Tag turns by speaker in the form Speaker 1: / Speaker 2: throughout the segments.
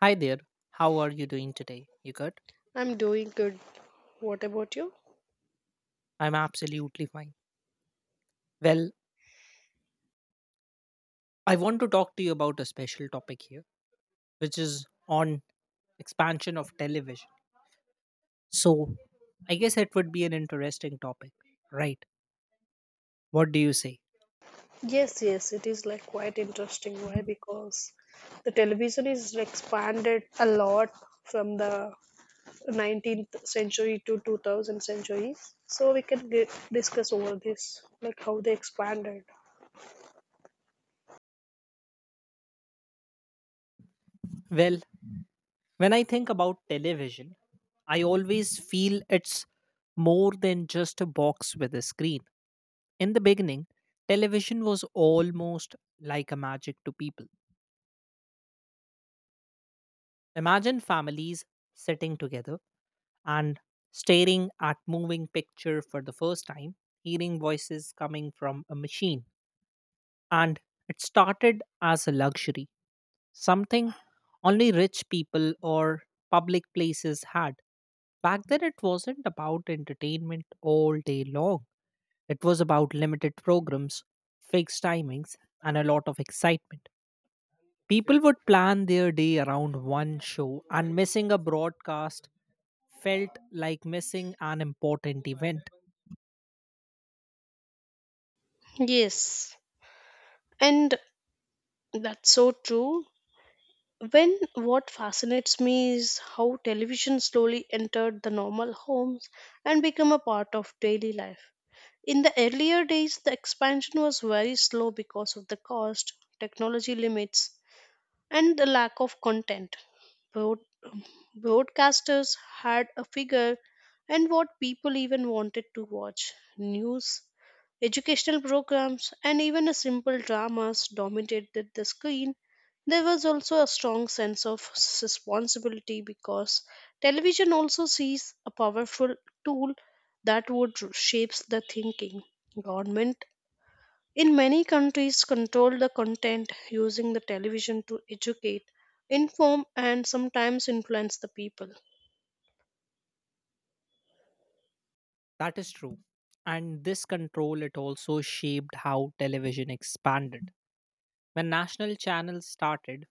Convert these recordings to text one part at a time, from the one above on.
Speaker 1: Hi there. How are you doing today? You good?
Speaker 2: I'm doing good. What about you?
Speaker 1: I'm absolutely fine. Well, I want to talk to you about a special topic here, which is on expansion of television. So, I guess it would be an interesting topic, right? What do you say?
Speaker 2: Yes, yes, it is like quite interesting. Why? Because the television is expanded a lot from the 19th century to 2000 century. So we can get, discuss over this, like how they expanded.
Speaker 1: Well, when I think about television, I always feel it's more than just a box with a screen. In the beginning, television was almost like a magic to people. Imagine families sitting together and staring at moving picture for the first time, hearing voices coming from a machine. And it started as a luxury, something only rich people or public places had. Back then, it wasn't about entertainment all day long. It was about limited programs, fixed timings, and a lot of excitement. People would plan their day around one show, and missing a broadcast felt like missing an important event.
Speaker 2: Yes, and that's so true. When what fascinates me is how television slowly entered the normal homes and become a part of daily life. In the earlier days, the expansion was very slow because of the cost, technology limits, and the lack of content. Broadcasters had a figure and what people even wanted to watch. News, educational programs, and even a simple dramas dominated the screen. There was also a strong sense of responsibility, because television also sees a powerful tool that would shapes the thinking. Government in many countries control the content, using the television to educate, inform, and sometimes influence the people.
Speaker 1: That is true. And this control, it also shaped how television expanded. When national channels started,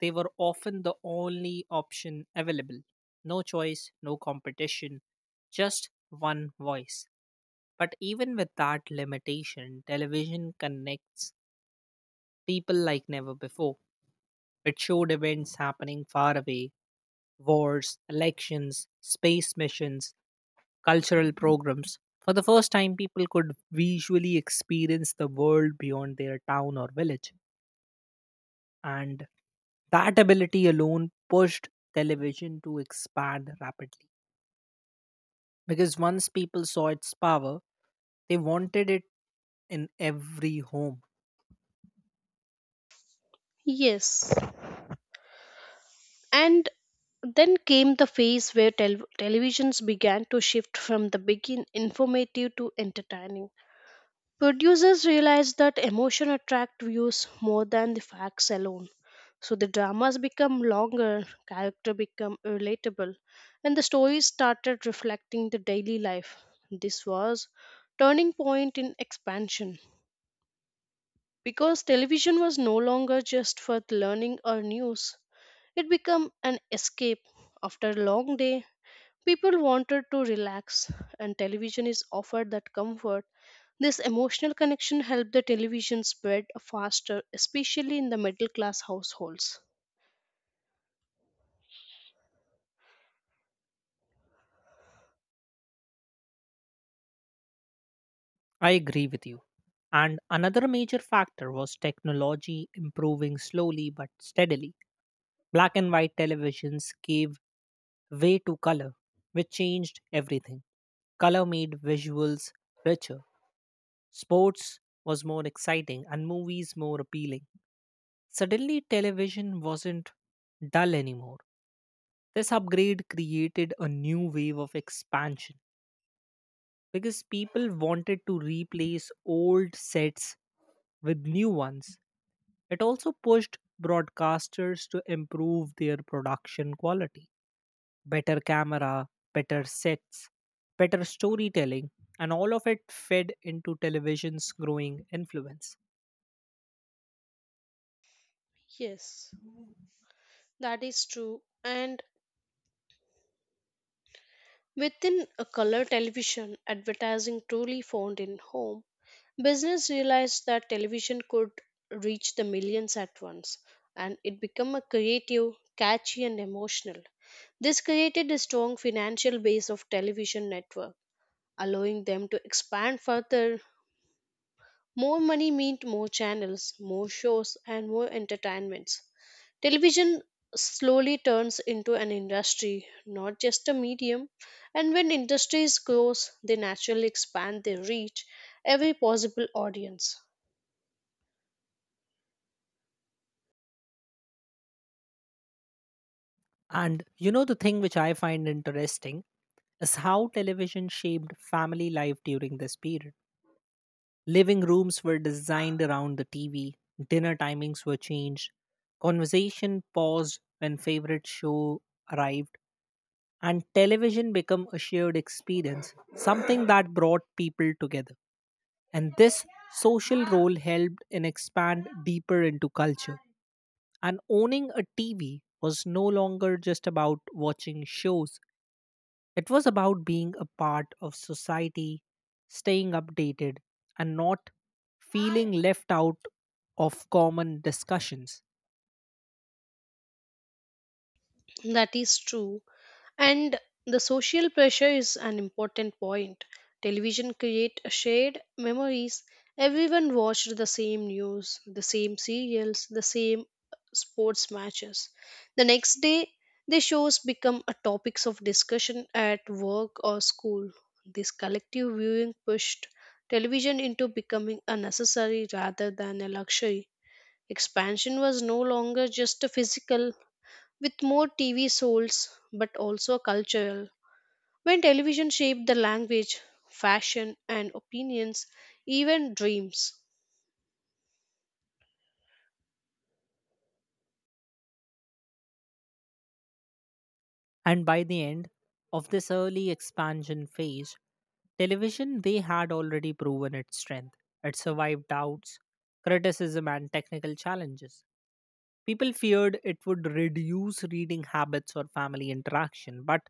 Speaker 1: they were often the only option available. No choice, no competition, just one voice. But even with that limitation, television connects people like never before. It showed events happening far away: wars, elections, space missions, cultural programs. For the first time, people could visually experience the world beyond their town or village. And that ability alone pushed television to expand rapidly. Because once people saw its power, they wanted it in every home.
Speaker 2: Yes. And then came the phase where televisions began to shift from the begin informative to entertaining. Producers realized that emotion attract views more than the facts alone. So the dramas become longer, character become relatable, and the stories started reflecting the daily life. This was turning point in expansion. Because television was no longer just for learning or news, it became an escape. After a long day, people wanted to relax, and television is offered that comfort. This emotional connection helped the television spread faster, especially in the middle class households.
Speaker 1: I agree with you. And another major factor was technology improving slowly but steadily. Black and white televisions gave way to color, which changed everything. Color made visuals richer, sports was more exciting, and movies more appealing. Suddenly, television wasn't dull anymore. This upgrade created a new wave of expansion because people wanted to replace old sets with new ones. It also pushed broadcasters to improve their production quality: better camera, better sets, better storytelling, and all of it fed into television's growing influence.
Speaker 2: Yes, that is true. And within a color television, advertising truly found in home. Business realized that television could reach the millions at once, and it became a creative, catchy, and emotional. This created a strong financial base of television network, allowing them to expand further. More money meant more channels, more shows, and more entertainments. Television slowly turns into an industry, not just a medium. And when industries grows, they naturally expand their reach every possible audience.
Speaker 1: And you know, the thing which I find interesting is how television shaped family life during this period. Living rooms were designed around the TV, dinner timings were changed, conversation paused when favorite show arrived, and television became a shared experience, something that brought people together. And this social role helped in expand deeper into culture. And owning a TV was no longer just about watching shows. It was about being a part of society, staying updated, and not feeling left out of common discussions.
Speaker 2: That is true. And the social pressure is an important point. Television create a shared memories. Everyone watched the same news, the same serials, the same sports matches. The next day, the shows become a topics of discussion at work or school. This collective viewing pushed television into becoming a necessary rather than a luxury. Expansion was no longer just a physical with more TV souls but also cultural. When television shaped the language, fashion, and opinions, even dreams.
Speaker 1: And by the end of this early expansion phase, television they had already proven its strength. It survived doubts, criticism, and technical challenges. People feared it would reduce reading habits or family interaction, but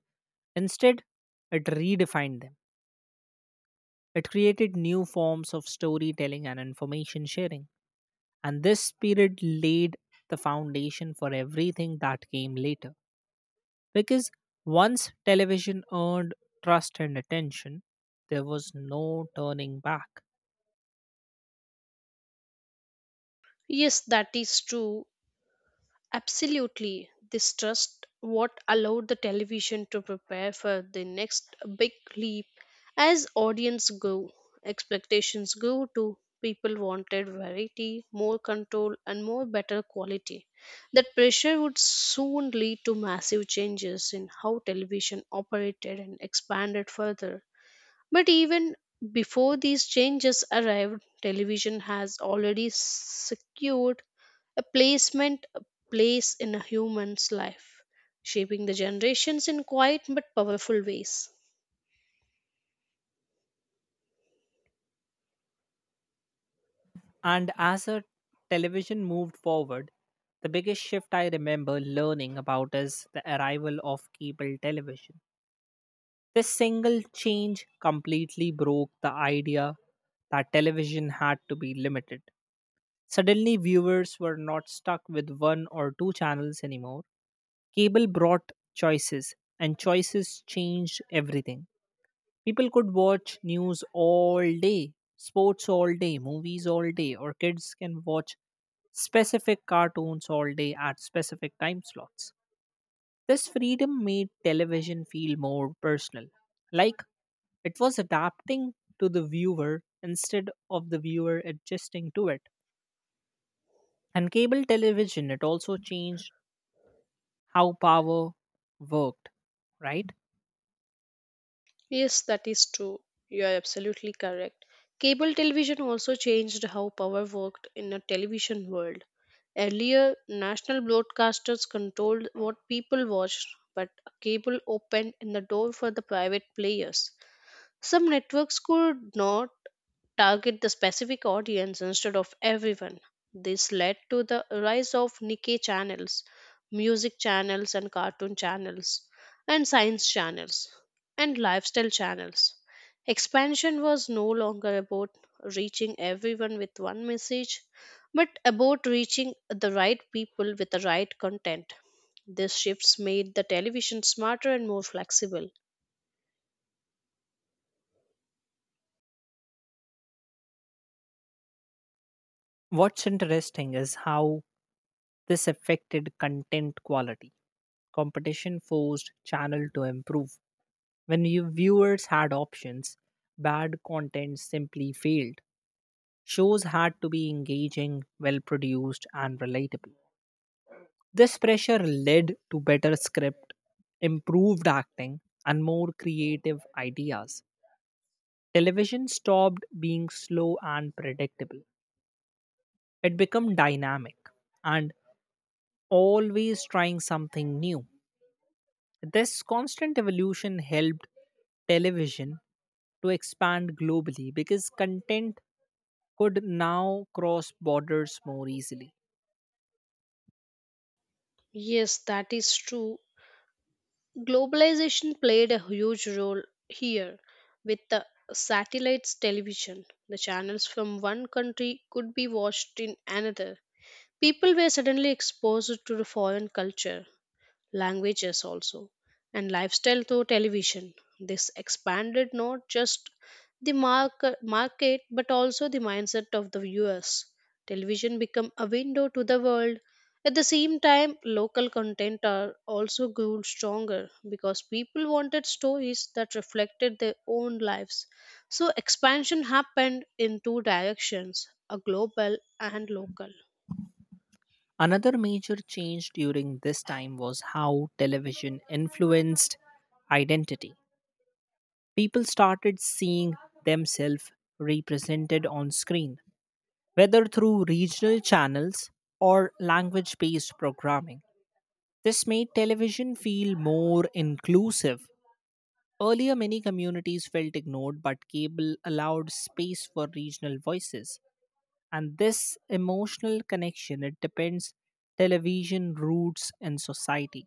Speaker 1: instead, it redefined them. It created new forms of storytelling and information sharing. And this spirit laid the foundation for everything that came later. Because once television earned trust and attention, there was no turning back.
Speaker 2: Yes, that is true. Absolutely, this trust what allowed the television to prepare for the next big leap, as audience go, expectations go to, people wanted variety, more control, and more better quality. That pressure would soon lead to massive changes in how television operated and expanded further. But even before these changes arrived, television has already secured a placement, a place in a human's life, shaping the generations in quiet but powerful ways.
Speaker 1: And as a television moved forward, the biggest shift I remember learning about is the arrival of cable television. This single change completely broke the idea that television had to be limited. Suddenly, viewers were not stuck with one or two channels anymore. Cable brought choices, and choices changed everything. People could watch news all day, sports all day, movies all day, or kids can watch specific cartoons all day at specific time slots. This freedom made television feel more personal, like it was adapting to the viewer instead of the viewer adjusting to it. And cable television, it also changed how power worked, right?
Speaker 2: Yes, that is true. You are absolutely correct. Cable television also changed how power worked in a television world. Earlier, national broadcasters controlled what people watched, but a cable opened in the door for the private players. Some networks could not target the specific audience instead of everyone. This led to the rise of Nikkei channels, music channels, and cartoon channels, and science channels, and lifestyle channels. Expansion was no longer about reaching everyone with one message, but about reaching the right people with the right content. These shifts made the television smarter and more flexible.
Speaker 1: What's interesting is how this affected content quality. Competition forced channel to improve. Viewers had options, bad content simply failed. Shows had to be engaging, well produced, and relatable. This pressure led to better script, improved acting, and more creative ideas. Television stopped being slow and predictable. It became dynamic and always trying something new. This constant evolution helped television to expand globally because content could now cross borders more easily.
Speaker 2: Yes, that is true. Globalization played a huge role here with the satellites television. The channels from one country could be watched in another. People were suddenly exposed to the foreign culture, languages also, and lifestyle through television. This expanded not just the market but also the mindset of the viewers. Television become a window to the world. At the same time, local content are also grew stronger because people wanted stories that reflected their own lives. So expansion happened in two directions, a global and local.
Speaker 1: Another major change during this time was how television influenced identity. People started seeing themselves represented on screen, whether through regional channels or language based programming. This made television feel more inclusive. Earlier, many communities felt ignored, but cable allowed space for regional voices. And this emotional connection, it depends television, roots, and society.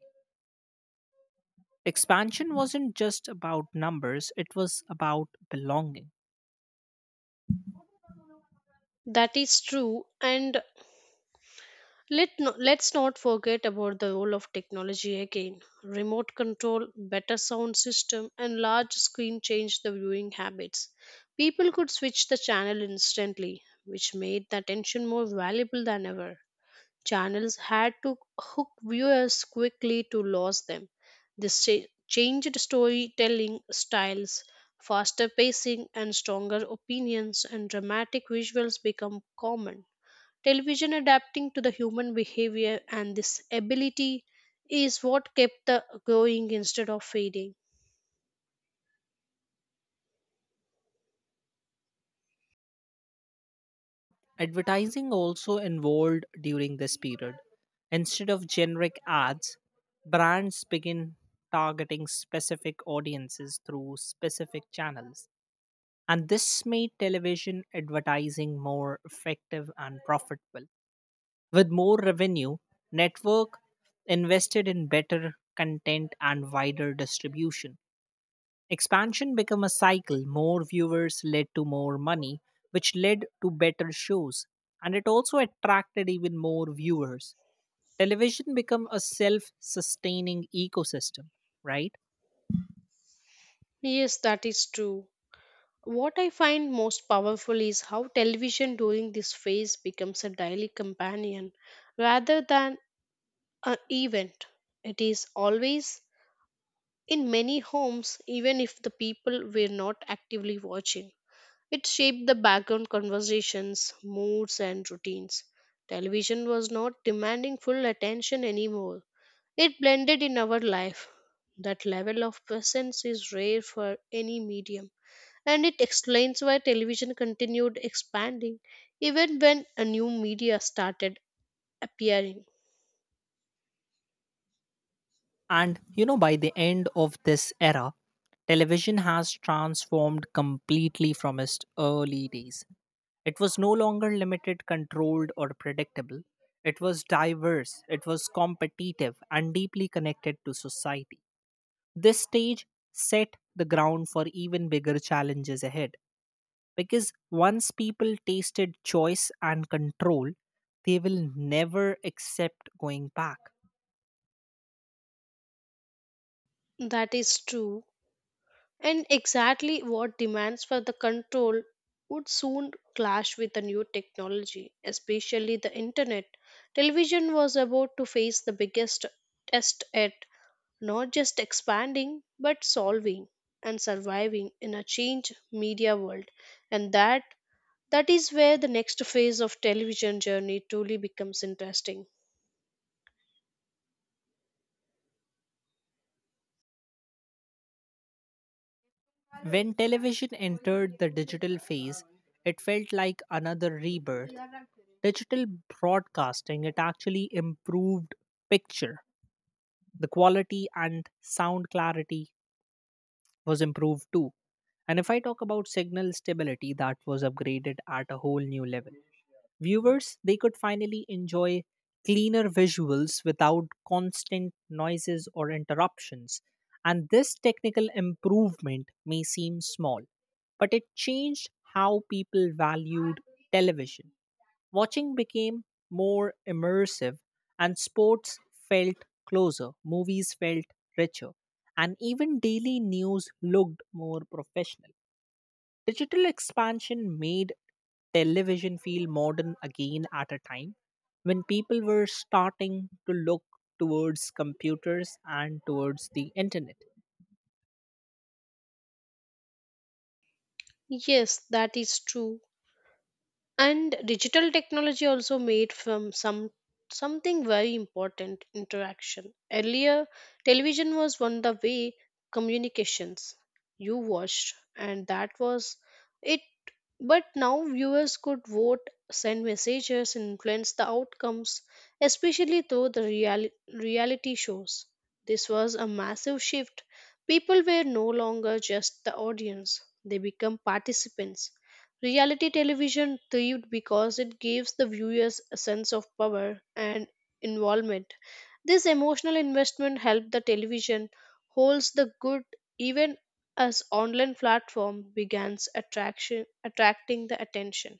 Speaker 1: Expansion wasn't just about numbers, it was about belonging.
Speaker 2: That is true. And let's not forget about the role of technology again. Remote control, better sound system, and large screen changed the viewing habits. People could switch the channel instantly, which made the attention more valuable than ever. Channels had to hook viewers quickly to lose them. This changed storytelling styles, faster pacing, and stronger opinions and dramatic visuals become common. Television adapting to the human behavior, and this ability is what kept the going instead of fading.
Speaker 1: Advertising also involved during this period. Instead of generic ads, brands begin targeting specific audiences through specific channels. And this made television advertising more effective and profitable. With more revenue, network invested in better content and wider distribution. Expansion became a cycle. More viewers led to more money, which led to better shows. And it also attracted even more viewers. Television became a self sustaining ecosystem, right?
Speaker 2: Yes, that is true. What I find most powerful is how television during this phase becomes a daily companion rather than an event. It is always in many homes, even if the people were not actively watching. It shaped the background conversations, moods, and routines. Television was not demanding full attention anymore. It blended in our life. That level of presence is rare for any medium, and it explains why television continued expanding even when a new media started appearing.
Speaker 1: And you know, by the end of this era, television has transformed completely from its early days. It was no longer limited, controlled, or predictable. It was diverse, it was competitive, and deeply connected to society. This stage set the ground for even bigger challenges ahead. Because once people tasted choice and control, they will never accept going back.
Speaker 2: That is true. And exactly what demands for the control would soon clash with the new technology, especially the internet. Television was about to face the biggest test at not just expanding but solving and surviving in a changed media world. And that is where the next phase of television journey truly becomes interesting.
Speaker 1: When television entered the digital phase, it felt like another rebirth. Digital broadcasting, it actually improved picture. The quality and sound clarity was improved too. And if I talk about signal stability, that was upgraded at a whole new level. Viewers, they could finally enjoy cleaner visuals without constant noises or interruptions. And this technical improvement may seem small, but it changed how people valued television. Watching became more immersive, and sports felt closer, movies felt richer, and even daily news looked more professional. Digital expansion made television feel modern again at a time when people were starting to look towards computers and towards the internet.
Speaker 2: Yes, that is true. And digital technology also made from some something very important interaction. Earlier, television was one of the way communications. You watched, and that was it. But now viewers could vote, send messages, and influence the outcomes, especially through the reality shows. This was a massive shift. People were no longer just the audience, they become participants. Reality television thrived because it gives the viewers a sense of power and involvement. This emotional investment helped the television holds the good, even as online platform begins attraction attracting the attention.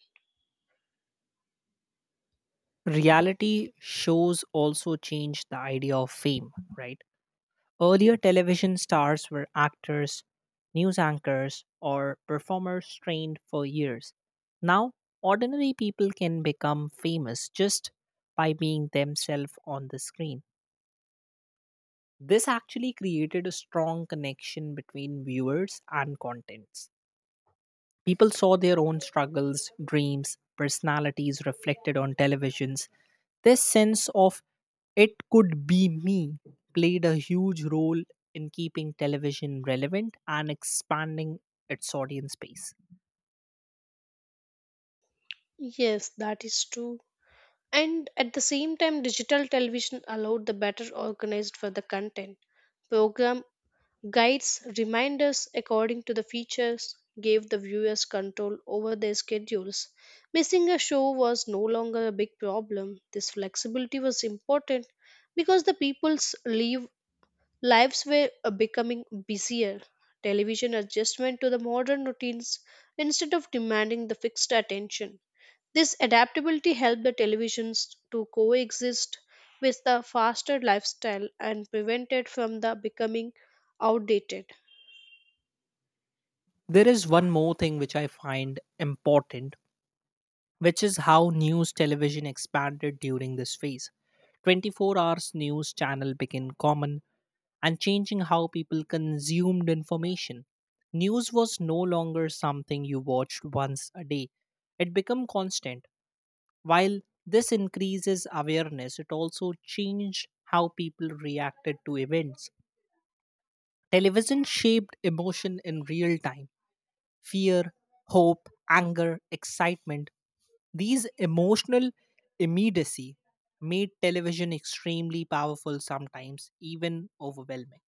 Speaker 1: Reality shows also changed the idea of fame, right? Earlier, television stars were actors, news anchors, or performers trained for years. Now, ordinary people can become famous just by being themselves on the screen. This actually created a strong connection between viewers and contents. People saw their own struggles, dreams, personalities reflected on televisions. This sense of it could be me played a huge role in keeping television relevant and expanding its audience base.
Speaker 2: Yes, that is true. And at the same time, digital television allowed the better organized for the content. Program Guides reminders, according to the features gave the viewers control over their schedules. Missing a show was no longer a big problem. This flexibility was important because the lives were becoming busier. Television adjustment to the modern routines instead of demanding the fixed attention. This adaptability helped the televisions to coexist with the faster lifestyle and prevented from the becoming outdated.
Speaker 1: There is one more thing which I find important, which is how news television expanded during this phase. 24 hours news channel became common and changing how people consumed information. News was no longer something you watched once a day, it became constant. While this increases awareness, it also changed how people reacted to events. Television shaped emotion in real time: fear, hope, anger, excitement. These emotional immediacy made television extremely powerful sometimes, even overwhelming.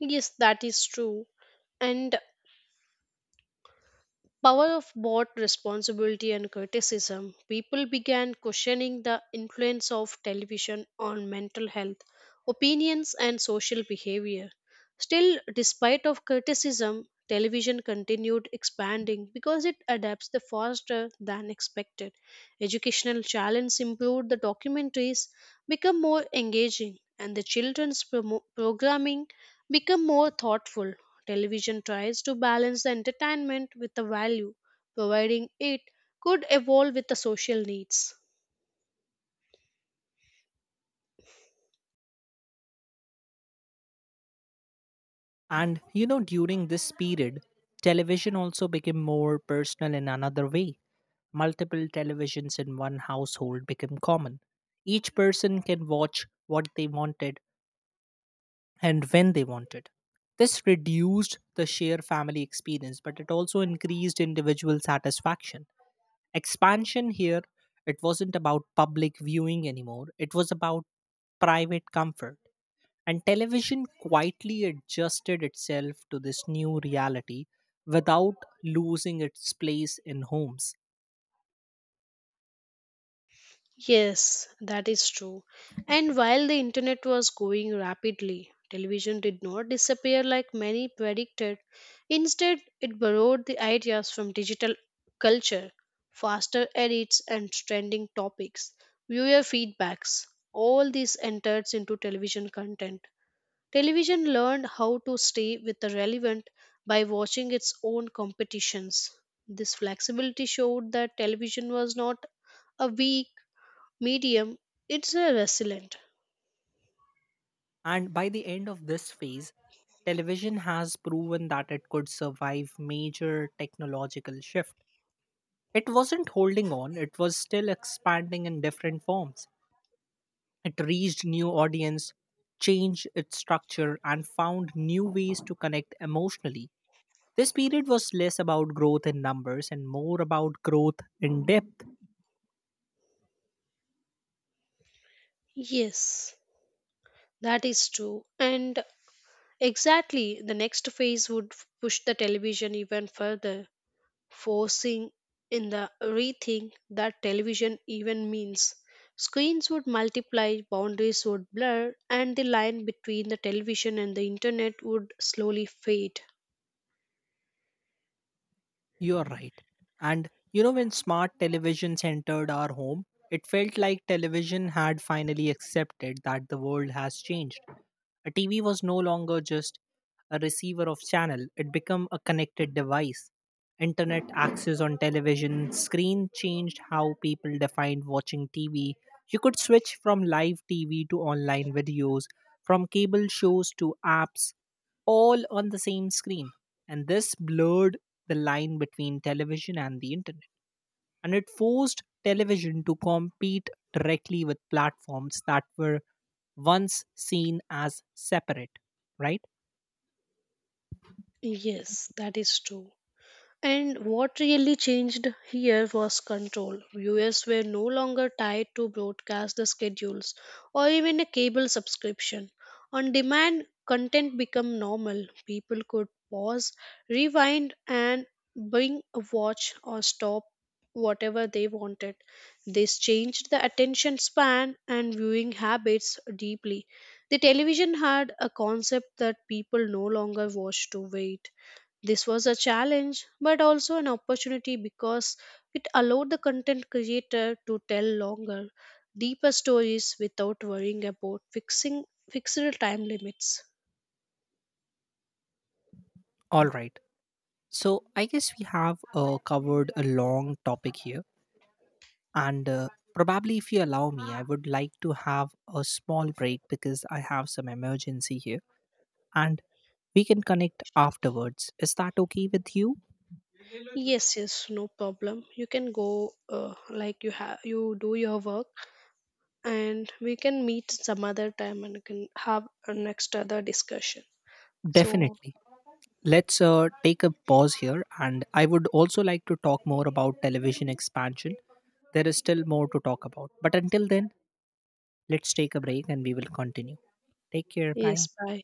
Speaker 2: Yes, that is true. And power of both responsibility and criticism. People began questioning the influence of television on mental health, opinions, and social behavior. Still, despite of criticism, television continued expanding because it adapts the faster than expected. Educational channels improved the documentaries, become more engaging, and the children's programming become more thoughtful. Television tries to balance the entertainment with the value, providing it could evolve with the social needs.
Speaker 1: And you know, during this period, television also became more personal in another way. Multiple televisions in one household became common. Each person can watch what they wanted and when they wanted. This reduced the sheer family experience, but it also increased individual satisfaction. Expansion here, it wasn't about public viewing anymore, it was about private comfort. And television quietly adjusted itself to this new reality without losing its place in homes.
Speaker 2: Yes, that is true. And while the internet was growing rapidly, television did not disappear like many predicted. Instead, it borrowed the ideas from digital culture, faster edits, and trending topics, viewer feedbacks. All this enters into television content. Television learned how to stay with the relevant by watching its own competitions. This flexibility showed that television was not a weak medium, it's a resilient.
Speaker 1: And by the end of this phase, television has proven that it could survive major technological shift. It wasn't holding on, it was still expanding in different forms. It reached new audience, changed its structure and found new ways to connect emotionally. This period was less about growth in numbers and more about growth in depth.
Speaker 2: Yes, that is true. And exactly the next phase would push the television even further, forcing in the rethink that television even means. Screens would multiply, boundaries would blur, and the line between the television and the internet would slowly fade.
Speaker 1: You're right. And you know, when smart televisions entered our home, it felt like television had finally accepted that the world has changed. A TV was no longer just a receiver of channel, it became a connected device. Internet access on television screen changed how people defined watching TV. You could switch from live TV to online videos, from cable shows to apps, all on the same screen. And this blurred the line between television and the internet and it forced television to compete directly with platforms that were once seen as separate, right?
Speaker 2: Yes, that is true. And what really changed here was control. Viewers were no longer tied to broadcast the schedules or even a cable subscription. On demand, content became normal. People could pause, rewind, and bring a watch or stop whatever they wanted. This changed the attention span and viewing habits deeply. The television had a concept that people no longer watched to wait. This was a challenge, but also an opportunity because it allowed the content creator to tell longer, deeper stories without worrying about fixing fixed time limits.
Speaker 1: All right. So I guess we have covered a long topic here, and probably if you allow me, I would like to have a small break because I have some emergency here, and we can connect afterwards. Is that okay with you?
Speaker 2: Yes, yes, no problem. You can go, like you do your work, and we can meet some other time and can have a next other discussion. So
Speaker 1: Definitely. Let's take a pause here and I would also like to talk more about television expansion. There is still more to talk about, but until then let's take a break and we will continue. Take care. Bye.
Speaker 2: yes, bye.